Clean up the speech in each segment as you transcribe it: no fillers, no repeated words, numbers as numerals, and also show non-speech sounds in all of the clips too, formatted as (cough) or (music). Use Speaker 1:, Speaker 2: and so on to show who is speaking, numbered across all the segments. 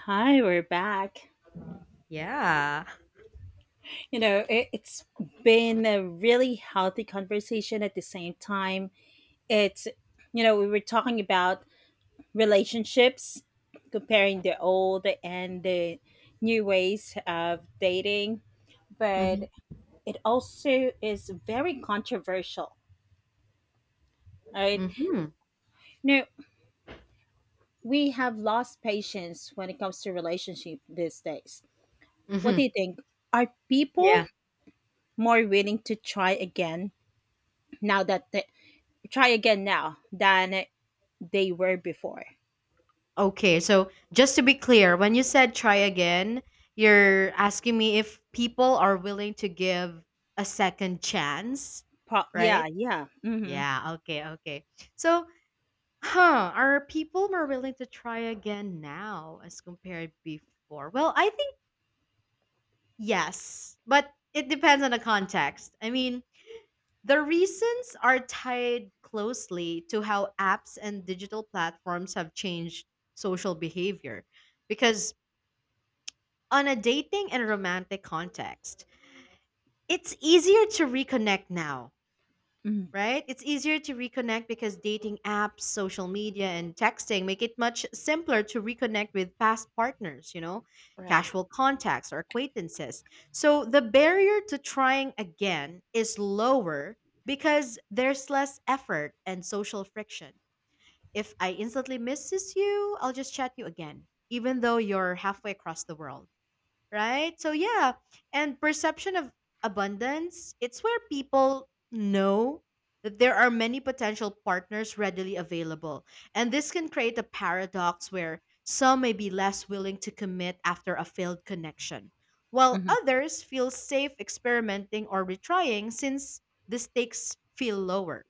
Speaker 1: Hi, we're back.
Speaker 2: Yeah.
Speaker 1: You know, it's been a really healthy conversation at the same time. It's, we were talking about relationships, comparing the old and the new ways of dating,
Speaker 2: Mhm.
Speaker 1: but it also is very controversial, right?
Speaker 2: Mhm.
Speaker 1: You know, we have lost patience when it comes to relationship these days. What do
Speaker 2: Mhm.
Speaker 1: you think? Are people
Speaker 2: Yeah.
Speaker 1: more willing to try again now that the try again now than they were before.
Speaker 2: Okay. So, just to be clear, when you said try again, you're asking me if people are willing to give a second chance,
Speaker 1: Yeah,
Speaker 2: right?
Speaker 1: yeah. Hmm.
Speaker 2: Yeah. Okay. Okay. So, are people more willing to try again now as compared before? Well, I think yes, but it depends on the context. I mean, the reasons are tied closely to how apps and digital platforms have changed social behavior. Because on a dating and romantic context, it's easier to reconnect now,
Speaker 1: Hmm.
Speaker 2: right? It's easier to reconnect because dating apps, social media, and texting make it much simpler to reconnect with past partners,
Speaker 1: Right.
Speaker 2: casual contacts or acquaintances. So the barrier to trying again is lower because there's less effort and social friction. If I instantly misses you, I'll just chat you again, even though you're halfway across the world, right? So yeah, and perception of abundance, it's where people know that there are many potential partners readily available. And this can create a paradox where some may be less willing to commit after a failed connection, while
Speaker 1: Hmm.
Speaker 2: others feel safe experimenting or retrying since the stakes feel lower.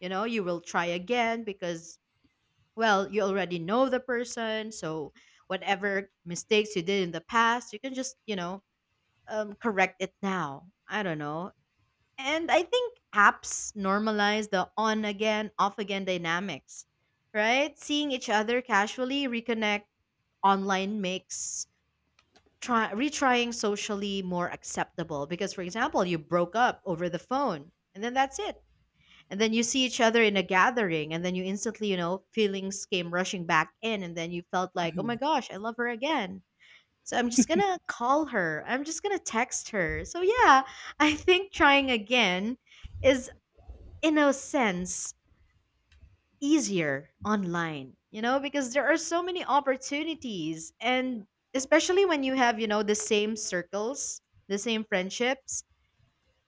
Speaker 2: You know, you will try again because, well, you already know the person, so whatever mistakes you did in the past, you can just, correct it now. I don't know. And I think apps normalize the on again, off again dynamics, right? Seeing each other casually reconnect online makes try retrying socially more acceptable because, for example, you broke up over the phone and then that's it, and then you see each other in a gathering and then you instantly feelings came rushing back in, and then you felt like, oh my gosh, I love her again. So I'm just gonna call her, I'm just gonna text her. So yeah, I think trying again is, in a sense, easier online because there are so many opportunities, and especially when you have the same circles, the same friendships.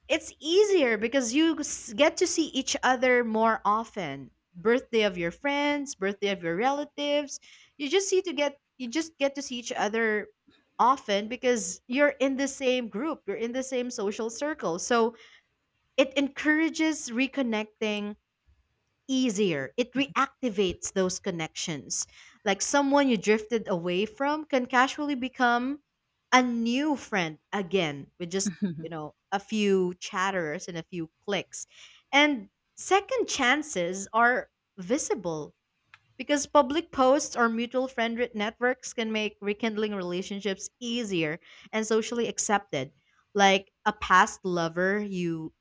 Speaker 2: It's easier because get to see each other more often. Birthday of your friends, birthday of your relatives. You just get to see each other often because you're in the same group, you're in the same social circle. So it encourages reconnecting easier. It reactivates those connections. Like someone you drifted away from can casually become a new friend again with just,
Speaker 1: Hmm.
Speaker 2: a few chatters and a few clicks. And second chances are visible. Because public posts or mutual friend networks can make rekindling relationships easier and socially accepted. Like a past lover you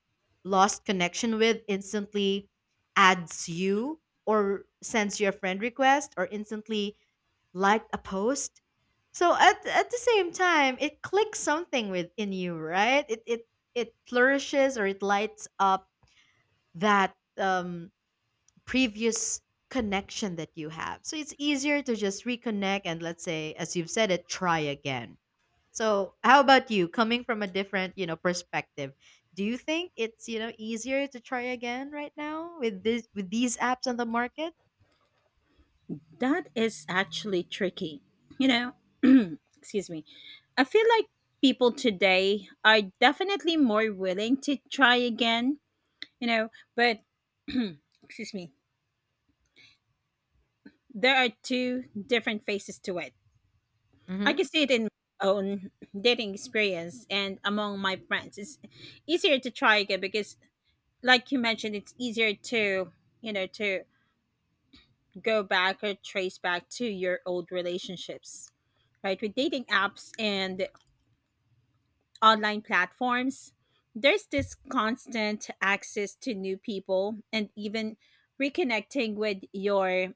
Speaker 2: lost connection with instantly adds you or sends you a friend request or instantly liked a post. So, at the same time, it clicks something within you, right? It flourishes or it lights up that previous connection that you have. So it's easier to just reconnect and, let's say, as you've said it, try again. So how about you, coming from a different, perspective? Do you think it's, easier to try again right now with this with these apps on the market?
Speaker 1: (laughs) That is actually tricky. You know, (clears throat) excuse me. I feel like people today are definitely more willing to try again, but excuse me, there are two different faces to it. I
Speaker 2: Mhm.
Speaker 1: can see it in my own dating experience and among my friends. It's easier to try again because like you mentioned, it's easier to go back or trace back to your old relationships, right? With dating apps and online platforms, there's this constant access to new people and even reconnecting with your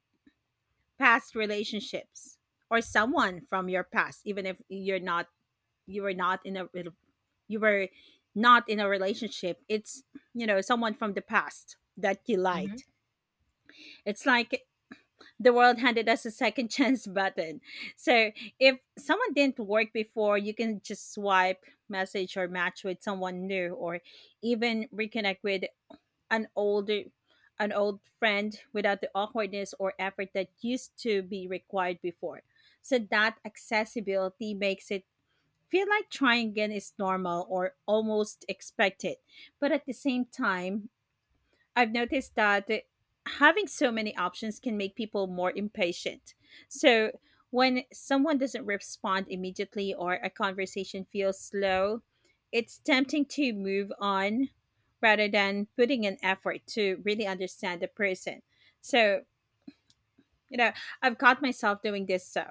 Speaker 1: past relationships or someone from your past, even if you were not in a, you were not in a relationship. It's, you know, someone from the past that you
Speaker 2: Mhm.
Speaker 1: liked, it's like the world handed us a second (laughs) chance button. So if someone didn't work before, you can just swipe, message, or match with someone new, or even reconnect with an older an old friend without the awkwardness or effort that used to be required before. So that accessibility makes it feel like trying again is normal or almost expected. But at the same time, I've noticed that having so many options can make people more impatient. So when someone doesn't respond immediately or a conversation feels slow, it's tempting to move on rather than putting an effort to really understand the person. So, you know, I've caught myself doing this, so,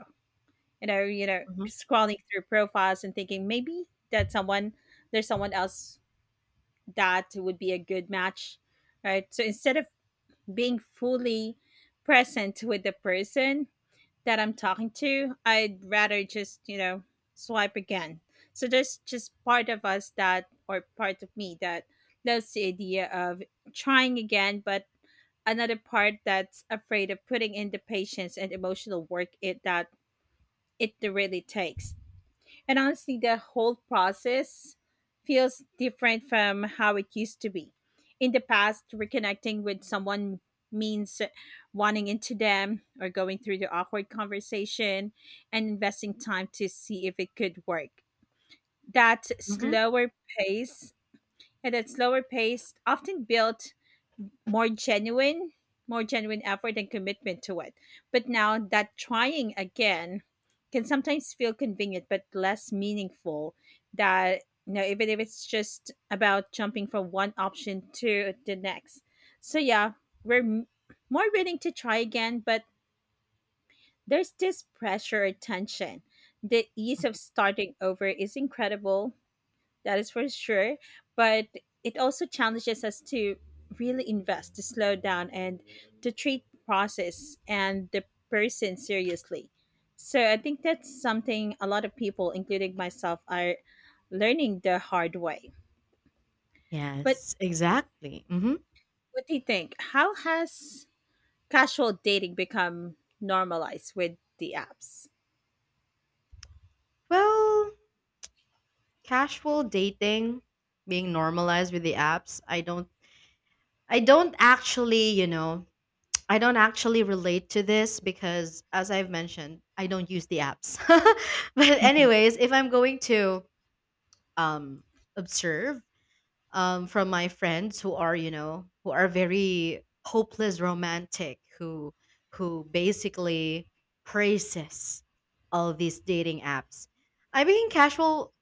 Speaker 2: Mhm.
Speaker 1: scrolling through profiles and thinking maybe that someone there's someone else that would be a good match, right? So instead of being fully present with the person that I'm talking to, I'd rather just, you know, swipe again. So there's just part of me that loves the idea of trying again, but another part that's afraid of putting in the patience and emotional work it that it really takes. And honestly, the whole process feels different from how it used to be. In the past, reconnecting with someone means wanting into them or going through the awkward conversation and investing time to see if it could work. That
Speaker 2: Mhm.
Speaker 1: slower pace that slower pace often built more genuine, more genuine effort and commitment to it. But now that trying again can sometimes feel convenient but less meaningful, that, you know, even if it's just about jumping from one option to the next. So yeah, we're more willing to try again, but there's this pressure or tension. The ease of
Speaker 2: Mhm.
Speaker 1: starting over is incredible, that is for sure. But it also challenges us to really invest, to slow down, and to treat the process and the person seriously. So I think that's something a lot of people, including myself, are learning the hard way. But
Speaker 2: Yes, exactly. Mhm.
Speaker 1: what do you think? How has casual dating become normalized with the apps?
Speaker 2: Well, casual dating being normalized with the apps, I don't actually, you know, I don't actually relate to this because, as I've mentioned, I don't use the apps. (laughs) But
Speaker 1: (laughs)
Speaker 2: anyways, if I'm going to, um, observe, from my friends who are very hopeless romantic, who basically praises all these dating apps. I mean, casual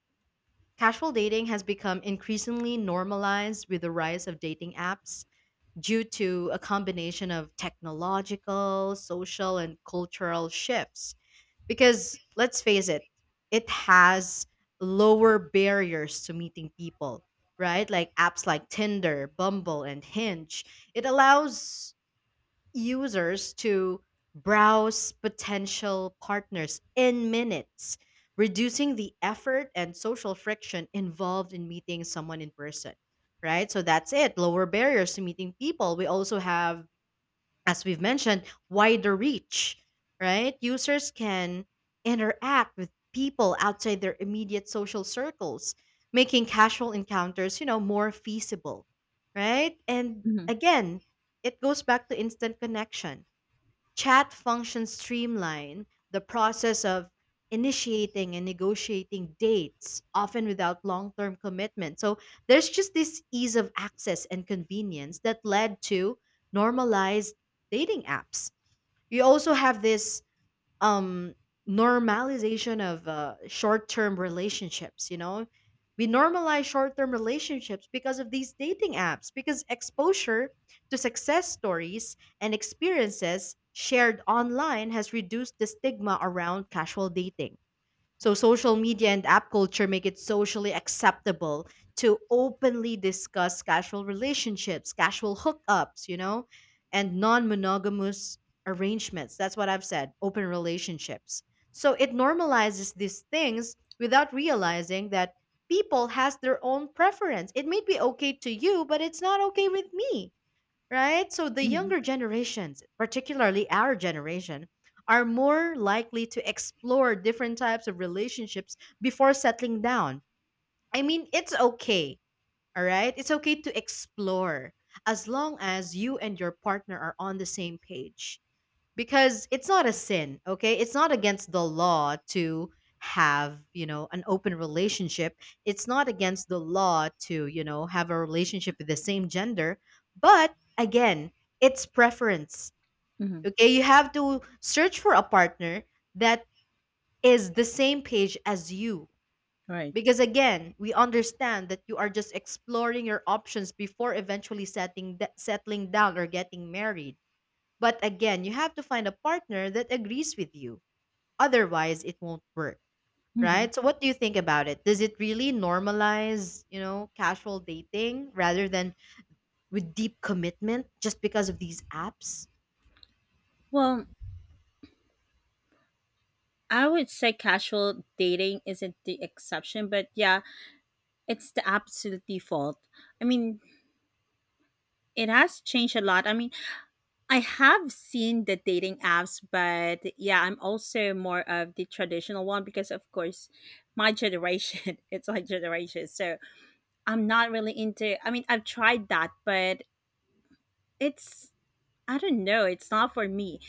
Speaker 2: casual dating has become increasingly normalized with the rise of dating apps due to a combination of technological, social, and cultural shifts. Because let's face it, it has lower barriers to meeting people, right? Like apps like Tinder, Bumble, and Hinge. It allows users to browse potential partners in minutes, reducing the effort and social friction involved in meeting someone in person, right? So that's it, lower barriers to meeting people. We also have, as we've mentioned, wider reach, right? Users can interact with people outside their immediate social circles, making casual encounters, more feasible, right? And
Speaker 1: Mhm.
Speaker 2: again, it goes back to instant connection. Chat functions streamline the process of initiating and negotiating dates, often without long term commitment. So there's just this ease of access and convenience that led to normalized dating apps. You also have this um normalization of short-term relationships. We normalize short-term relationships because of these dating apps, because exposure to success stories and experiences shared online has reduced the stigma around casual dating. So social media and app culture make it socially acceptable to openly discuss casual relationships, casual hookups, and non-monogamous arrangements. That's what I've said, open relationships. So it normalizes these things without realizing that people has their own preference. It may be okay to you, but it's not okay with me, right? So the
Speaker 1: Mhm.
Speaker 2: younger generations, particularly our generation, are more likely to explore different types of relationships before settling down. I mean, it's okay, all right? It's okay to explore as long as you and your partner are on the same page, because it's not a sin. Okay, it's not against the law to have an open relationship. It's not against the law to have a relationship with the same gender. But again, it's preference.
Speaker 1: Mhm.
Speaker 2: Okay, you have to search for a partner that is the same page as you,
Speaker 1: Right.
Speaker 2: because again, we understand that you are just exploring your options before eventually setting settling down or getting married. But again, you have to find a partner that agrees with you. Otherwise, it won't work,
Speaker 1: Mhm.
Speaker 2: right? So what do you think about it? Does it really normalize, casual dating rather than with deep commitment just because of these apps?
Speaker 1: Well, I would say casual dating isn't the exception, but yeah, it's the absolute default. I mean, it has changed a lot. I mean, I have seen the dating apps, but yeah, I'm also more of the traditional one because, of course, my generation, (laughs) it's my generation. So I'm not really into, I mean, I've tried that, but it's, I don't know, it's not for me.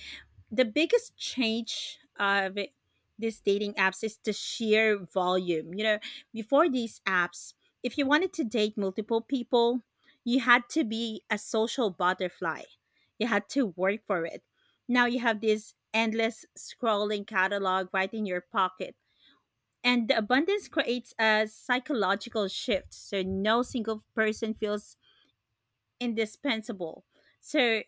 Speaker 1: The biggest change these dating apps is the sheer volume. You know, before these apps, if you wanted to date multiple people, you had to be a social butterfly. You had to work for it. Now you have this endless scrolling catalog right in your pocket. And the abundance creates a psychological shift. So no single person feels indispensable. So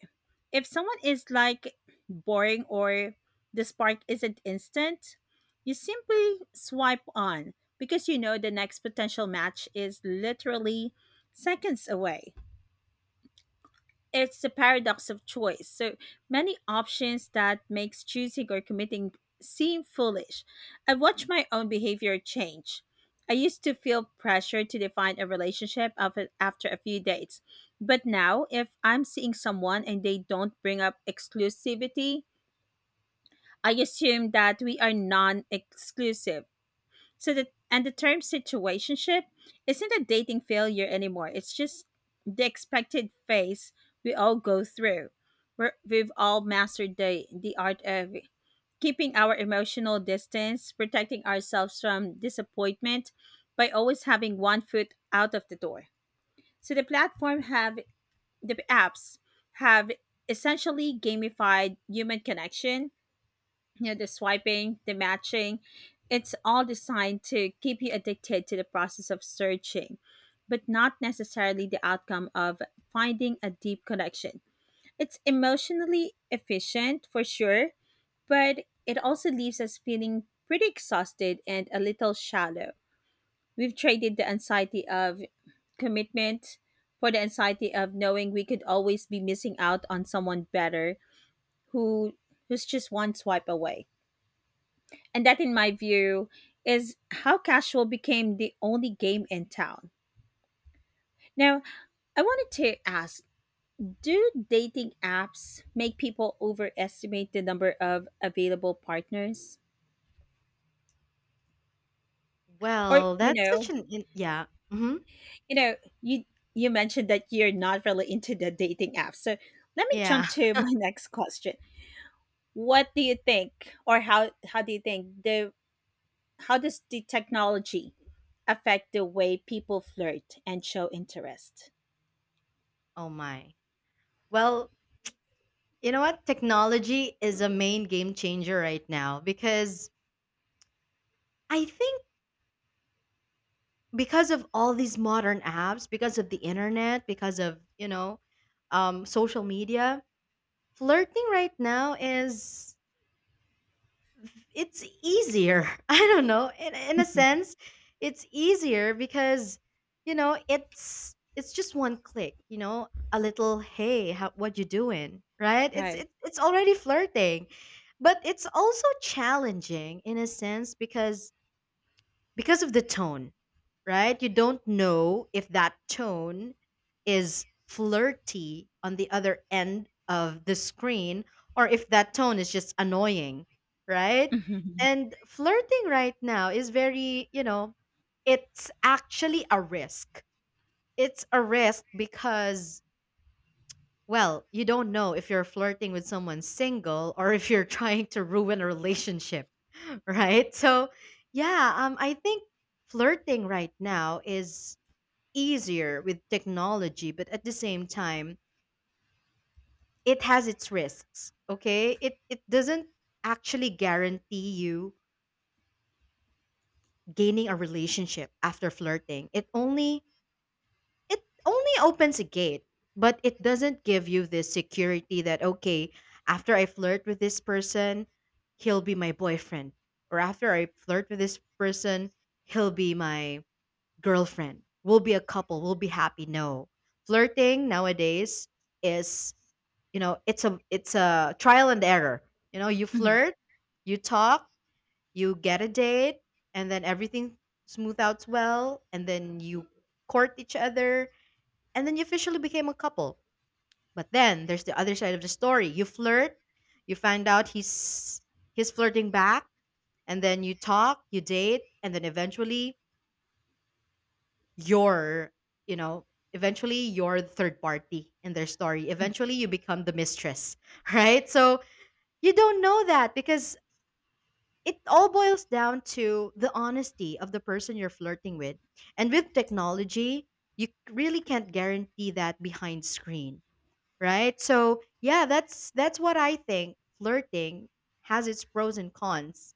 Speaker 1: if someone is like boring or the spark isn't instant, you simply swipe on because you know the next potential match is literally seconds away. It's the paradox of choice. So many options that makes choosing or committing seem foolish. I watch my own behavior change. I used to feel pressure to define a relationship of it after a few dates. But now, if I'm seeing someone and they don't bring up exclusivity, I assume that we are non exclusive. So that, and the term situationship isn't a dating failure anymore. It's just the expected phase we all go through. We're, we've all mastered the art of keeping our emotional distance, protecting ourselves from disappointment by always having one foot out of the door. So the apps have essentially gamified human connection. You know, the swiping, the matching, it's all designed to keep you addicted to the process of searching but not necessarily the outcome of finding a deep connection. It's emotionally efficient for sure, but it also leaves us feeling pretty exhausted and a little shallow. We've traded the anxiety of commitment for the anxiety of knowing we could always be missing out on someone better, who who's just one swipe away. And that, in my view, is how casual became the only game in town. Now, I wanted to ask, do dating apps make people overestimate the number of available partners? Or,
Speaker 2: Well,
Speaker 1: you
Speaker 2: that's such
Speaker 1: know,
Speaker 2: an yeah. Hmm.
Speaker 1: you know, you you mentioned that you're not really into the dating apps. So let me
Speaker 2: Yeah.
Speaker 1: jump to
Speaker 2: (laughs)
Speaker 1: my (laughs) next question. What do you think, or how do you think the how does the technology affect the way people flirt and show interest?
Speaker 2: Oh my. Well, you know what? Technology is a main game changer right now because I think, because of all these modern apps, because of the internet, because of, social media, flirting right now is it's easier. (laughs) I don't know. In a
Speaker 1: (laughs)
Speaker 2: sense, it's easier because it's just one click. You know, a little "Hey, how, what you doing?" Right? It's
Speaker 1: Right.
Speaker 2: it's it's already flirting, but it's also challenging in a sense because of the tone, right? You don't know if that tone is flirty on the other end of the screen or if that tone is just annoying, right?
Speaker 1: Mhm.
Speaker 2: And flirting right now is very, it's actually a risk. It's a risk because, well, you don't know if you're flirting with someone single or if you're (laughs) trying to ruin a relationship, (laughs) right? So, yeah, I think flirting right now is easier with technology, but at the same time, it has its risks. Okay? It doesn't actually guarantee you gaining a relationship after flirting. It only opens a gate, but it doesn't give you this security that, okay, after I flirt with this person, he'll be my boyfriend. Or after I flirt with this person, he'll be my girlfriend. We'll be a couple. We'll be happy. No. Flirting nowadays is, it's a trial and error. You
Speaker 1: Mhm.
Speaker 2: flirt, you talk, you get a date, and then everything smooth out well, and then you court each other, and then you officially became a couple. But then there's the other side of the story. You flirt, you find out he's flirting back, and then you talk, you date, and then eventually you're, you know eventually you're the third party in their story. Eventually you become the mistress, (laughs) right? So you don't know that because it all boils down to the honesty of the person you're flirting with. And with technology, you really can't guarantee that behind screen, right? So, yeah, that's what I think. Flirting has its pros and cons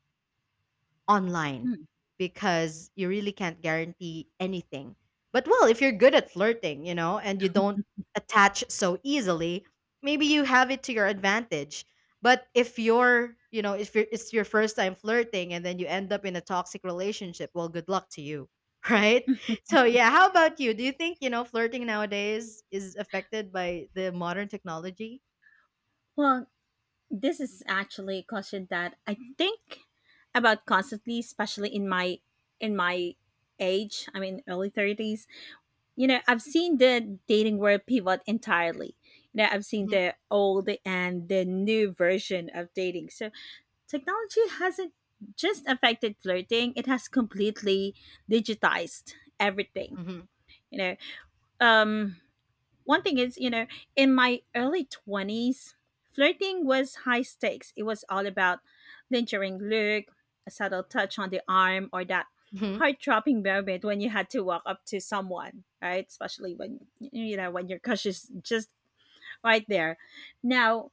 Speaker 2: online
Speaker 1: Mhm.
Speaker 2: because you really can't guarantee anything. But well, if you're good at flirting, and you don't attach so easily, maybe you have it to your advantage. But if you're, it's your first time flirting and then you end up in a toxic relationship, well, good luck to you, (laughs) right? So yeah, how about you? Do you think, flirting nowadays is affected by the modern technology?
Speaker 1: Well, this is actually a question that I think about constantly, especially in my age. I mean, early 30s. You know, I've seen the dating world pivot entirely. You know, I've seen
Speaker 2: Hmm.
Speaker 1: the old and the new version of dating. So technology hasn't just affected flirting; it has completely digitized everything.
Speaker 2: Hmm.
Speaker 1: You know, um, one thing is, you know, in my early 20s, flirting was high stakes. It was all about lingering look, a subtle touch on the arm, or that
Speaker 2: Hmm.
Speaker 1: heart dropping moment when you had to walk up to someone, right? Especially when, you know, when your crush is just right there. Now,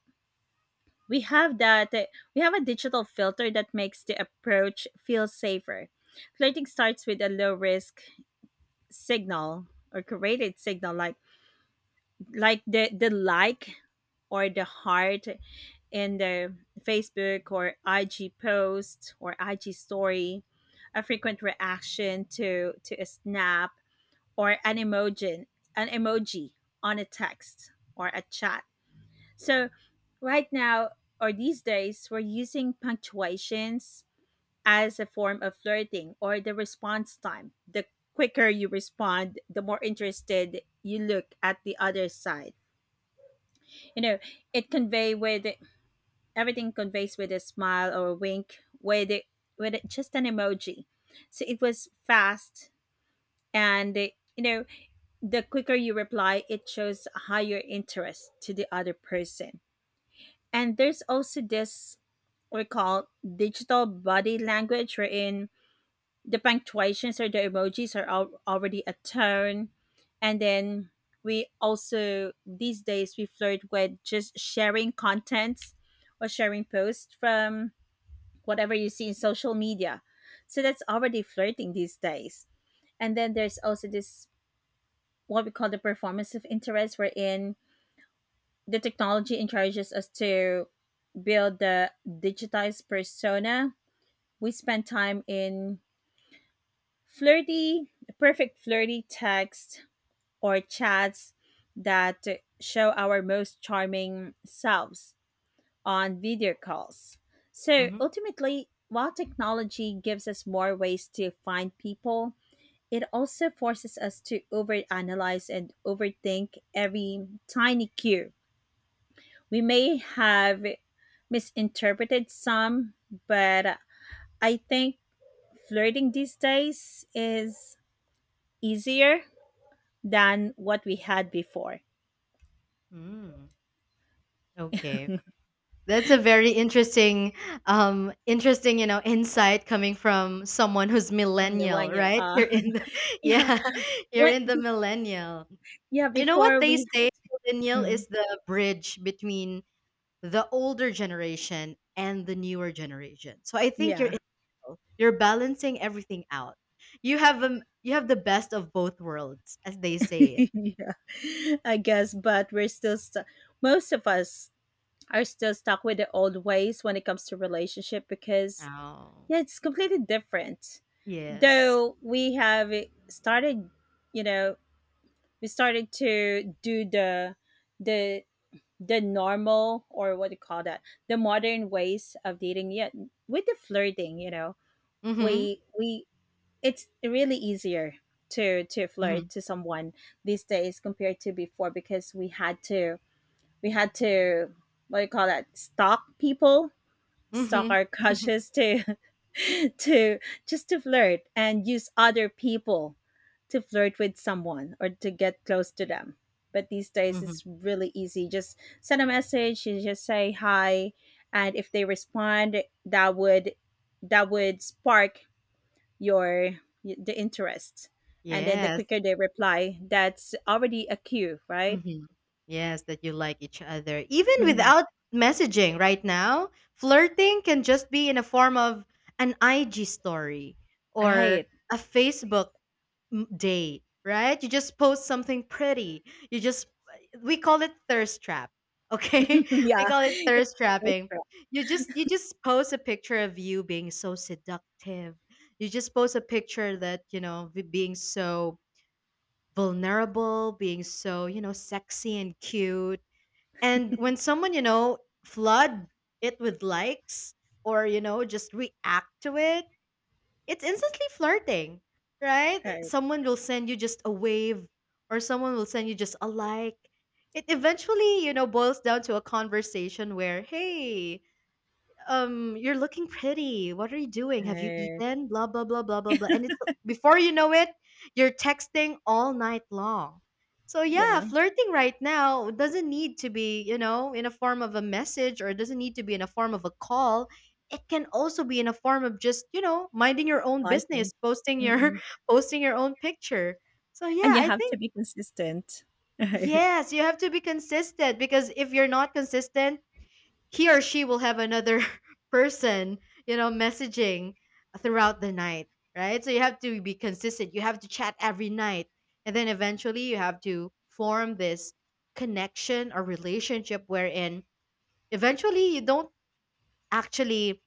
Speaker 1: we have that, we have a digital filter that makes the approach feel safer. Flirting starts with a low risk signal or curated signal, like the like or the heart in the Facebook or IG post or IG story, a frequent reaction to a snap or an emoji on a text or a chat. So right now, or these days, we're using punctuations as a form of flirting, or the response time. The quicker you respond, the more interested you look at the other side. You know, it convey with, everything conveys with a smile or a wink with it, just an emoji, so it was fast, and it, you know, the quicker you reply it shows higher interest to the other person. And there's also this we call digital body language, wherein the punctuations or the emojis are already a tone. And then we also these days we flirt with just sharing contents or sharing posts from whatever you see in social media. So that's already flirting these days. And then there's also this what we call the performance of interest, wherein the technology encourages us to build the digitized persona. We spend time in flirty, perfect flirty text or chats that show our most charming selves, on video calls. So
Speaker 2: Hmm.
Speaker 1: ultimately, while technology gives us more ways to find people, it also forces us to overanalyze and overthink every tiny cue. We may have misinterpreted some, but I think flirting these days is easier than what we had before,
Speaker 2: Mm. Okay. That's a very interesting, insight coming from someone who's
Speaker 1: from
Speaker 2: millennial,
Speaker 1: millennia.
Speaker 2: right? You're in the,
Speaker 1: (laughs)
Speaker 2: (laughs)
Speaker 1: Yeah,
Speaker 2: yeah, (laughs) you're
Speaker 1: what?
Speaker 2: in the millennial.
Speaker 1: Yeah,
Speaker 2: You know what
Speaker 1: before
Speaker 2: they
Speaker 1: we.
Speaker 2: say? Millennial
Speaker 1: Mm,
Speaker 2: is the bridge between the older generation and the newer generation. So I think you're in
Speaker 1: yeah.
Speaker 2: the middle. You're balancing everything out. You have, you have the best of both worlds, as they
Speaker 1: (laughs)
Speaker 2: say it.
Speaker 1: yeah, I guess, but we're still stu most of us are still stuck with the old ways when it comes to relationship, because
Speaker 2: Oh,
Speaker 1: yeah, it's completely different.
Speaker 2: yes.
Speaker 1: Though we have started, you know, we started to do the the the normal, or what do you call that, the modern ways of dating. Yet with the flirting, you know,
Speaker 2: Mm-hmm.
Speaker 1: we it's really easier to
Speaker 2: Mm-hmm.
Speaker 1: flirt to someone these days compared to before, because we had to, we had to what do you call that, stalk people, stalk
Speaker 2: Mm-hmm.
Speaker 1: our
Speaker 2: (laughs)
Speaker 1: crushes, to (laughs) to just to flirt and use other people to flirt with someone or to get close to them. But these days
Speaker 2: Mm-hmm.
Speaker 1: it's really easy, just send a message, you just say hi, and if they respond that would spark your, the interest, and then the
Speaker 2: Yes.
Speaker 1: quicker they reply, that's already a cue, right?
Speaker 2: Mhm. Yes, that you like each other. Even
Speaker 1: Hmm.
Speaker 2: without messaging right now, flirting can just be in a form of an IG story or
Speaker 1: Right.
Speaker 2: a Facebook day, right? You just post something pretty. You just, we call it thirst trap. Okay?
Speaker 1: (laughs)
Speaker 2: (laughs) We
Speaker 1: Yeah,
Speaker 2: call it thirst
Speaker 1: that's
Speaker 2: trapping.
Speaker 1: right.
Speaker 2: You just post a picture of you being so seductive. You just post a picture that, you know, being so vulnerable, being so, you know, sexy and cute. And when someone, you know, flood it with likes or, you know, just react to it, it's instantly flirting, right?
Speaker 1: Right.
Speaker 2: Someone will send you just a wave or someone will send you just a like. It eventually, you know, boils down to a conversation where, hey, "You're looking pretty. What are you doing? Have you
Speaker 1: Right.
Speaker 2: eaten? Blah, blah, blah, blah, blah, blah." And it's before you know it, you're texting all night long. So yeah,
Speaker 1: Yeah.
Speaker 2: flirting right now doesn't need to be, you know, in a form of a message or it doesn't need to be in a form of a call. It can also be in a form of just, you know, minding your own
Speaker 1: Lighting.
Speaker 2: business, posting your
Speaker 1: Mm.
Speaker 2: (laughs) posting your own picture. So yeah,
Speaker 1: And you
Speaker 2: I
Speaker 1: have to
Speaker 2: think
Speaker 1: be consistent, (laughs) right.
Speaker 2: yes, you have to be consistent because if you're not consistent, he or she will have another (laughs) person, you know, messaging throughout the night, right? So you have to be consistent. You have to chat every night. And then eventually you have to form this connection or relationship wherein eventually you don't actually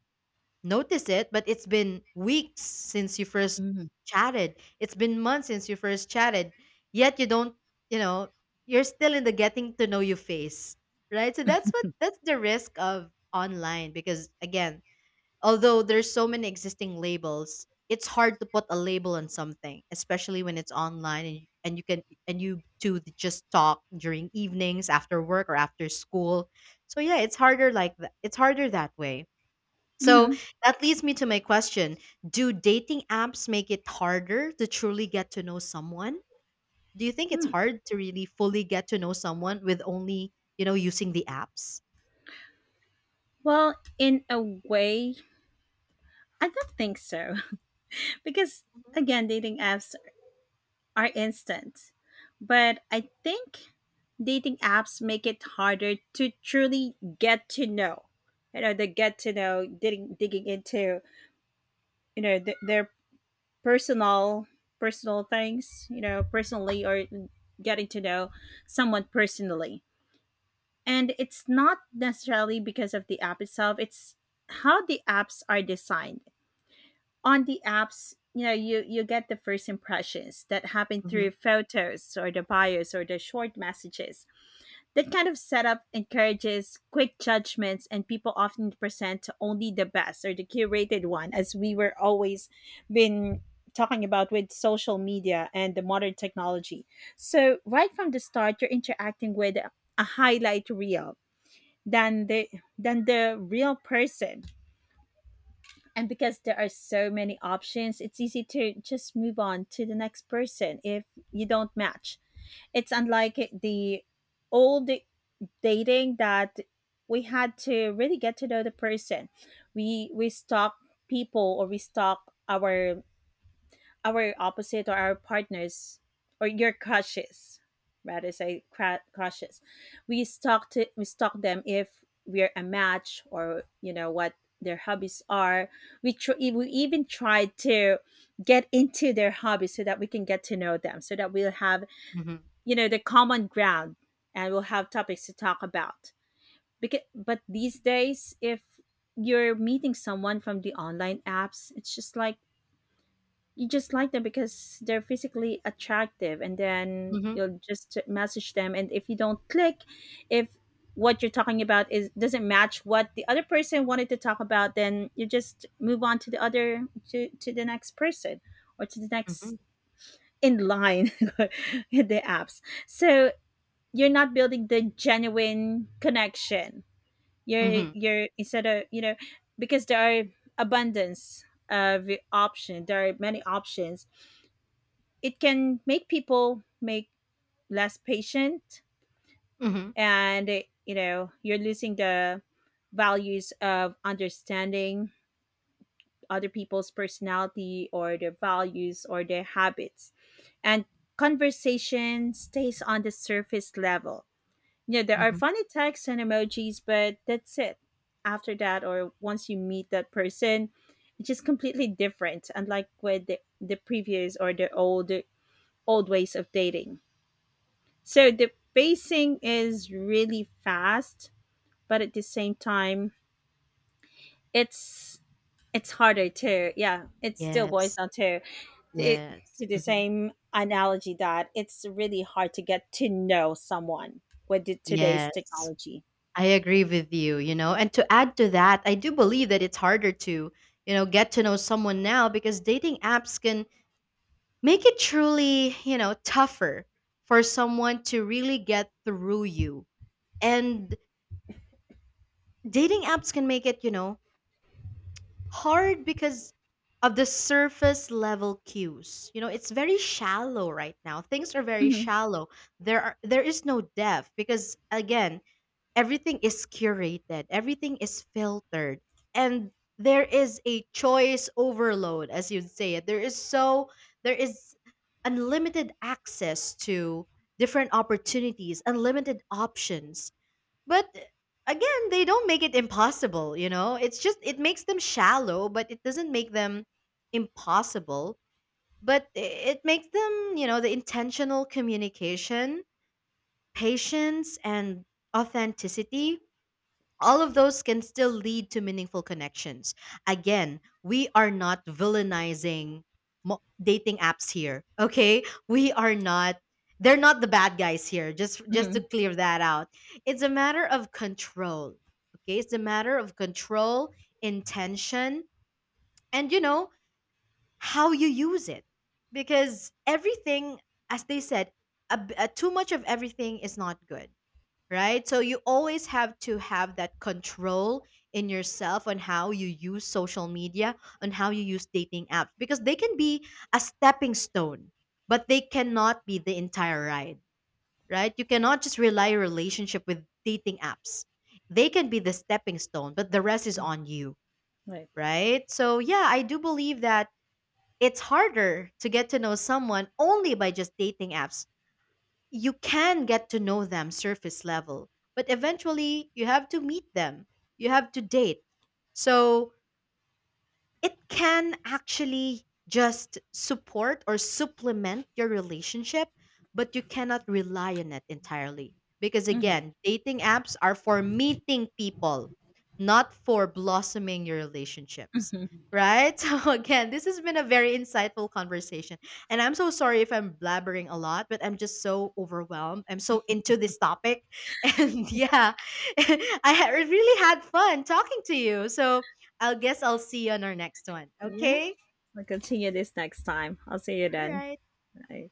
Speaker 2: notice it, but it's been weeks since you first
Speaker 1: Mhm.
Speaker 2: chatted. It's been months since you first chatted. Yet you don't, you know, you're still in the getting to know you phase, right? So that's the risk of online because again, although there's so many existing labels, it's hard to put a label on something, especially when it's online and you can and you two just talk during evenings after work or after school. So yeah, it's harder like that. It's harder that way. So
Speaker 1: Hmm.
Speaker 2: that leads me to my question. Do dating apps make it harder to truly get to know someone? Do you think it's hard to really fully get to know someone with only, you know, using the apps?
Speaker 1: Well, in a way, I don't think so. (laughs) Because again, dating apps are instant. But I think dating apps make it harder to truly get to know. You know, the get to know, digging into, you know, their personal personal things. You know, personally, or getting to know someone personally. And it's not necessarily because of the app itself. It's how the apps are designed. On the apps, you know, you get the first impressions that happen
Speaker 2: Hmm
Speaker 1: through photos or the bios or the short messages. That kind of setup encourages quick judgments, and people often present only the best or the curated one, as we were always been talking about with social media and the modern technology. So right from the start, you're interacting with a highlight reel, than the than the real person. And because there are so many options, it's easy to just move on to the next person if you don't match. It's unlike the old dating, that we had to really get to know the person. We stalk people, or we stalk our our opposite or our partners or your crushes, rather say crushes. We stalk them, if we're a match, or you know what their hobbies are. We even try to get into their hobbies so that we can get to know them so that we'll have,
Speaker 2: hmm hmm
Speaker 1: you know, the common ground and we'll have topics to talk about, because but these days if you're meeting someone from the online apps it's just like, you just like them because they're physically attractive, and then
Speaker 2: hmm
Speaker 1: you'll just message them. And if you don't click, if what you're talking about is doesn't match what the other person wanted to talk about, then you just move on to the other, to the next person, or to the next
Speaker 2: hmm
Speaker 1: in line (laughs) in the apps. So you're not building the genuine connection.
Speaker 2: hmm
Speaker 1: You're
Speaker 2: hmm
Speaker 1: you're instead of, you know, because there are abundance of option. There are many options, it can make people make less patient, and you know you're losing the values of understanding other people's personality or their values or their habits, and conversation stays on the surface level. You know there are
Speaker 2: Mm-hmm.
Speaker 1: funny texts and emojis but that's it, after that, or once you meet that person, it's just completely different, unlike with the previous or the old ways of dating. So the pacing is really fast, but at the same time, it's it's harder to, yeah. It still boils
Speaker 2: Yes.
Speaker 1: down to it,
Speaker 2: Yes.
Speaker 1: to the
Speaker 2: hmm
Speaker 1: same analogy that it's really hard to get to know someone with the, today's
Speaker 2: Yes.
Speaker 1: technology.
Speaker 2: I agree with you, you know. And to add to that, I do believe that it's harder to, you know, get to know someone now because dating apps can make it truly, you know, tougher for someone to really get through you. And dating apps can make it, you know, hard because of the surface level cues. You know, it's very shallow right now. Things are very
Speaker 1: Hmm.
Speaker 2: shallow. There is no depth because again, everything is curated, everything is filtered, and there is a choice overload, as you'd say it. There is unlimited access to different opportunities, unlimited options. But again, they don't make it impossible, you know? It's just it makes them shallow, but it doesn't make them impossible. But it makes them, you know, the intentional communication, patience, and authenticity all of those can still lead to meaningful connections. Again, we are not villainizing dating apps here. Okay, we are not. They're not the bad guys here. Just to
Speaker 1: Hmm.
Speaker 2: clear that out, it's a matter of control. Okay, it's a matter of control, intention, and you know how you use it, because everything, as they said, too much of everything is not good, right? So you always have to have that control in yourself on how you use social media, on how you use dating apps, because they can be a stepping stone, but they cannot be the entire ride, right? You cannot just rely your relationship with dating apps. They can be the stepping stone, but the rest is on you,
Speaker 1: Right.
Speaker 2: right? So yeah, I do believe that it's harder to get to know someone only by just dating apps. You can get to know them surface level, but eventually you have to meet them. You have to date. So it can actually just support or supplement your relationship, but you cannot rely on it entirely. Because
Speaker 1: Hmm.
Speaker 2: again, dating apps are for meeting people, not for blossoming your relationships.
Speaker 1: Hmm.
Speaker 2: Right? (laughs) So, again, this has been a very insightful conversation. And I'm so sorry if I'm blabbering a lot, but I'm just so overwhelmed. I'm so into this topic. (laughs) And yeah, (laughs) I really had fun talking to you. So, I guess I'll see you on our next one.
Speaker 1: Yeah,
Speaker 2: Okay?
Speaker 1: we will continue this next time. I'll see you
Speaker 2: All
Speaker 1: then.
Speaker 2: right.
Speaker 1: Bye.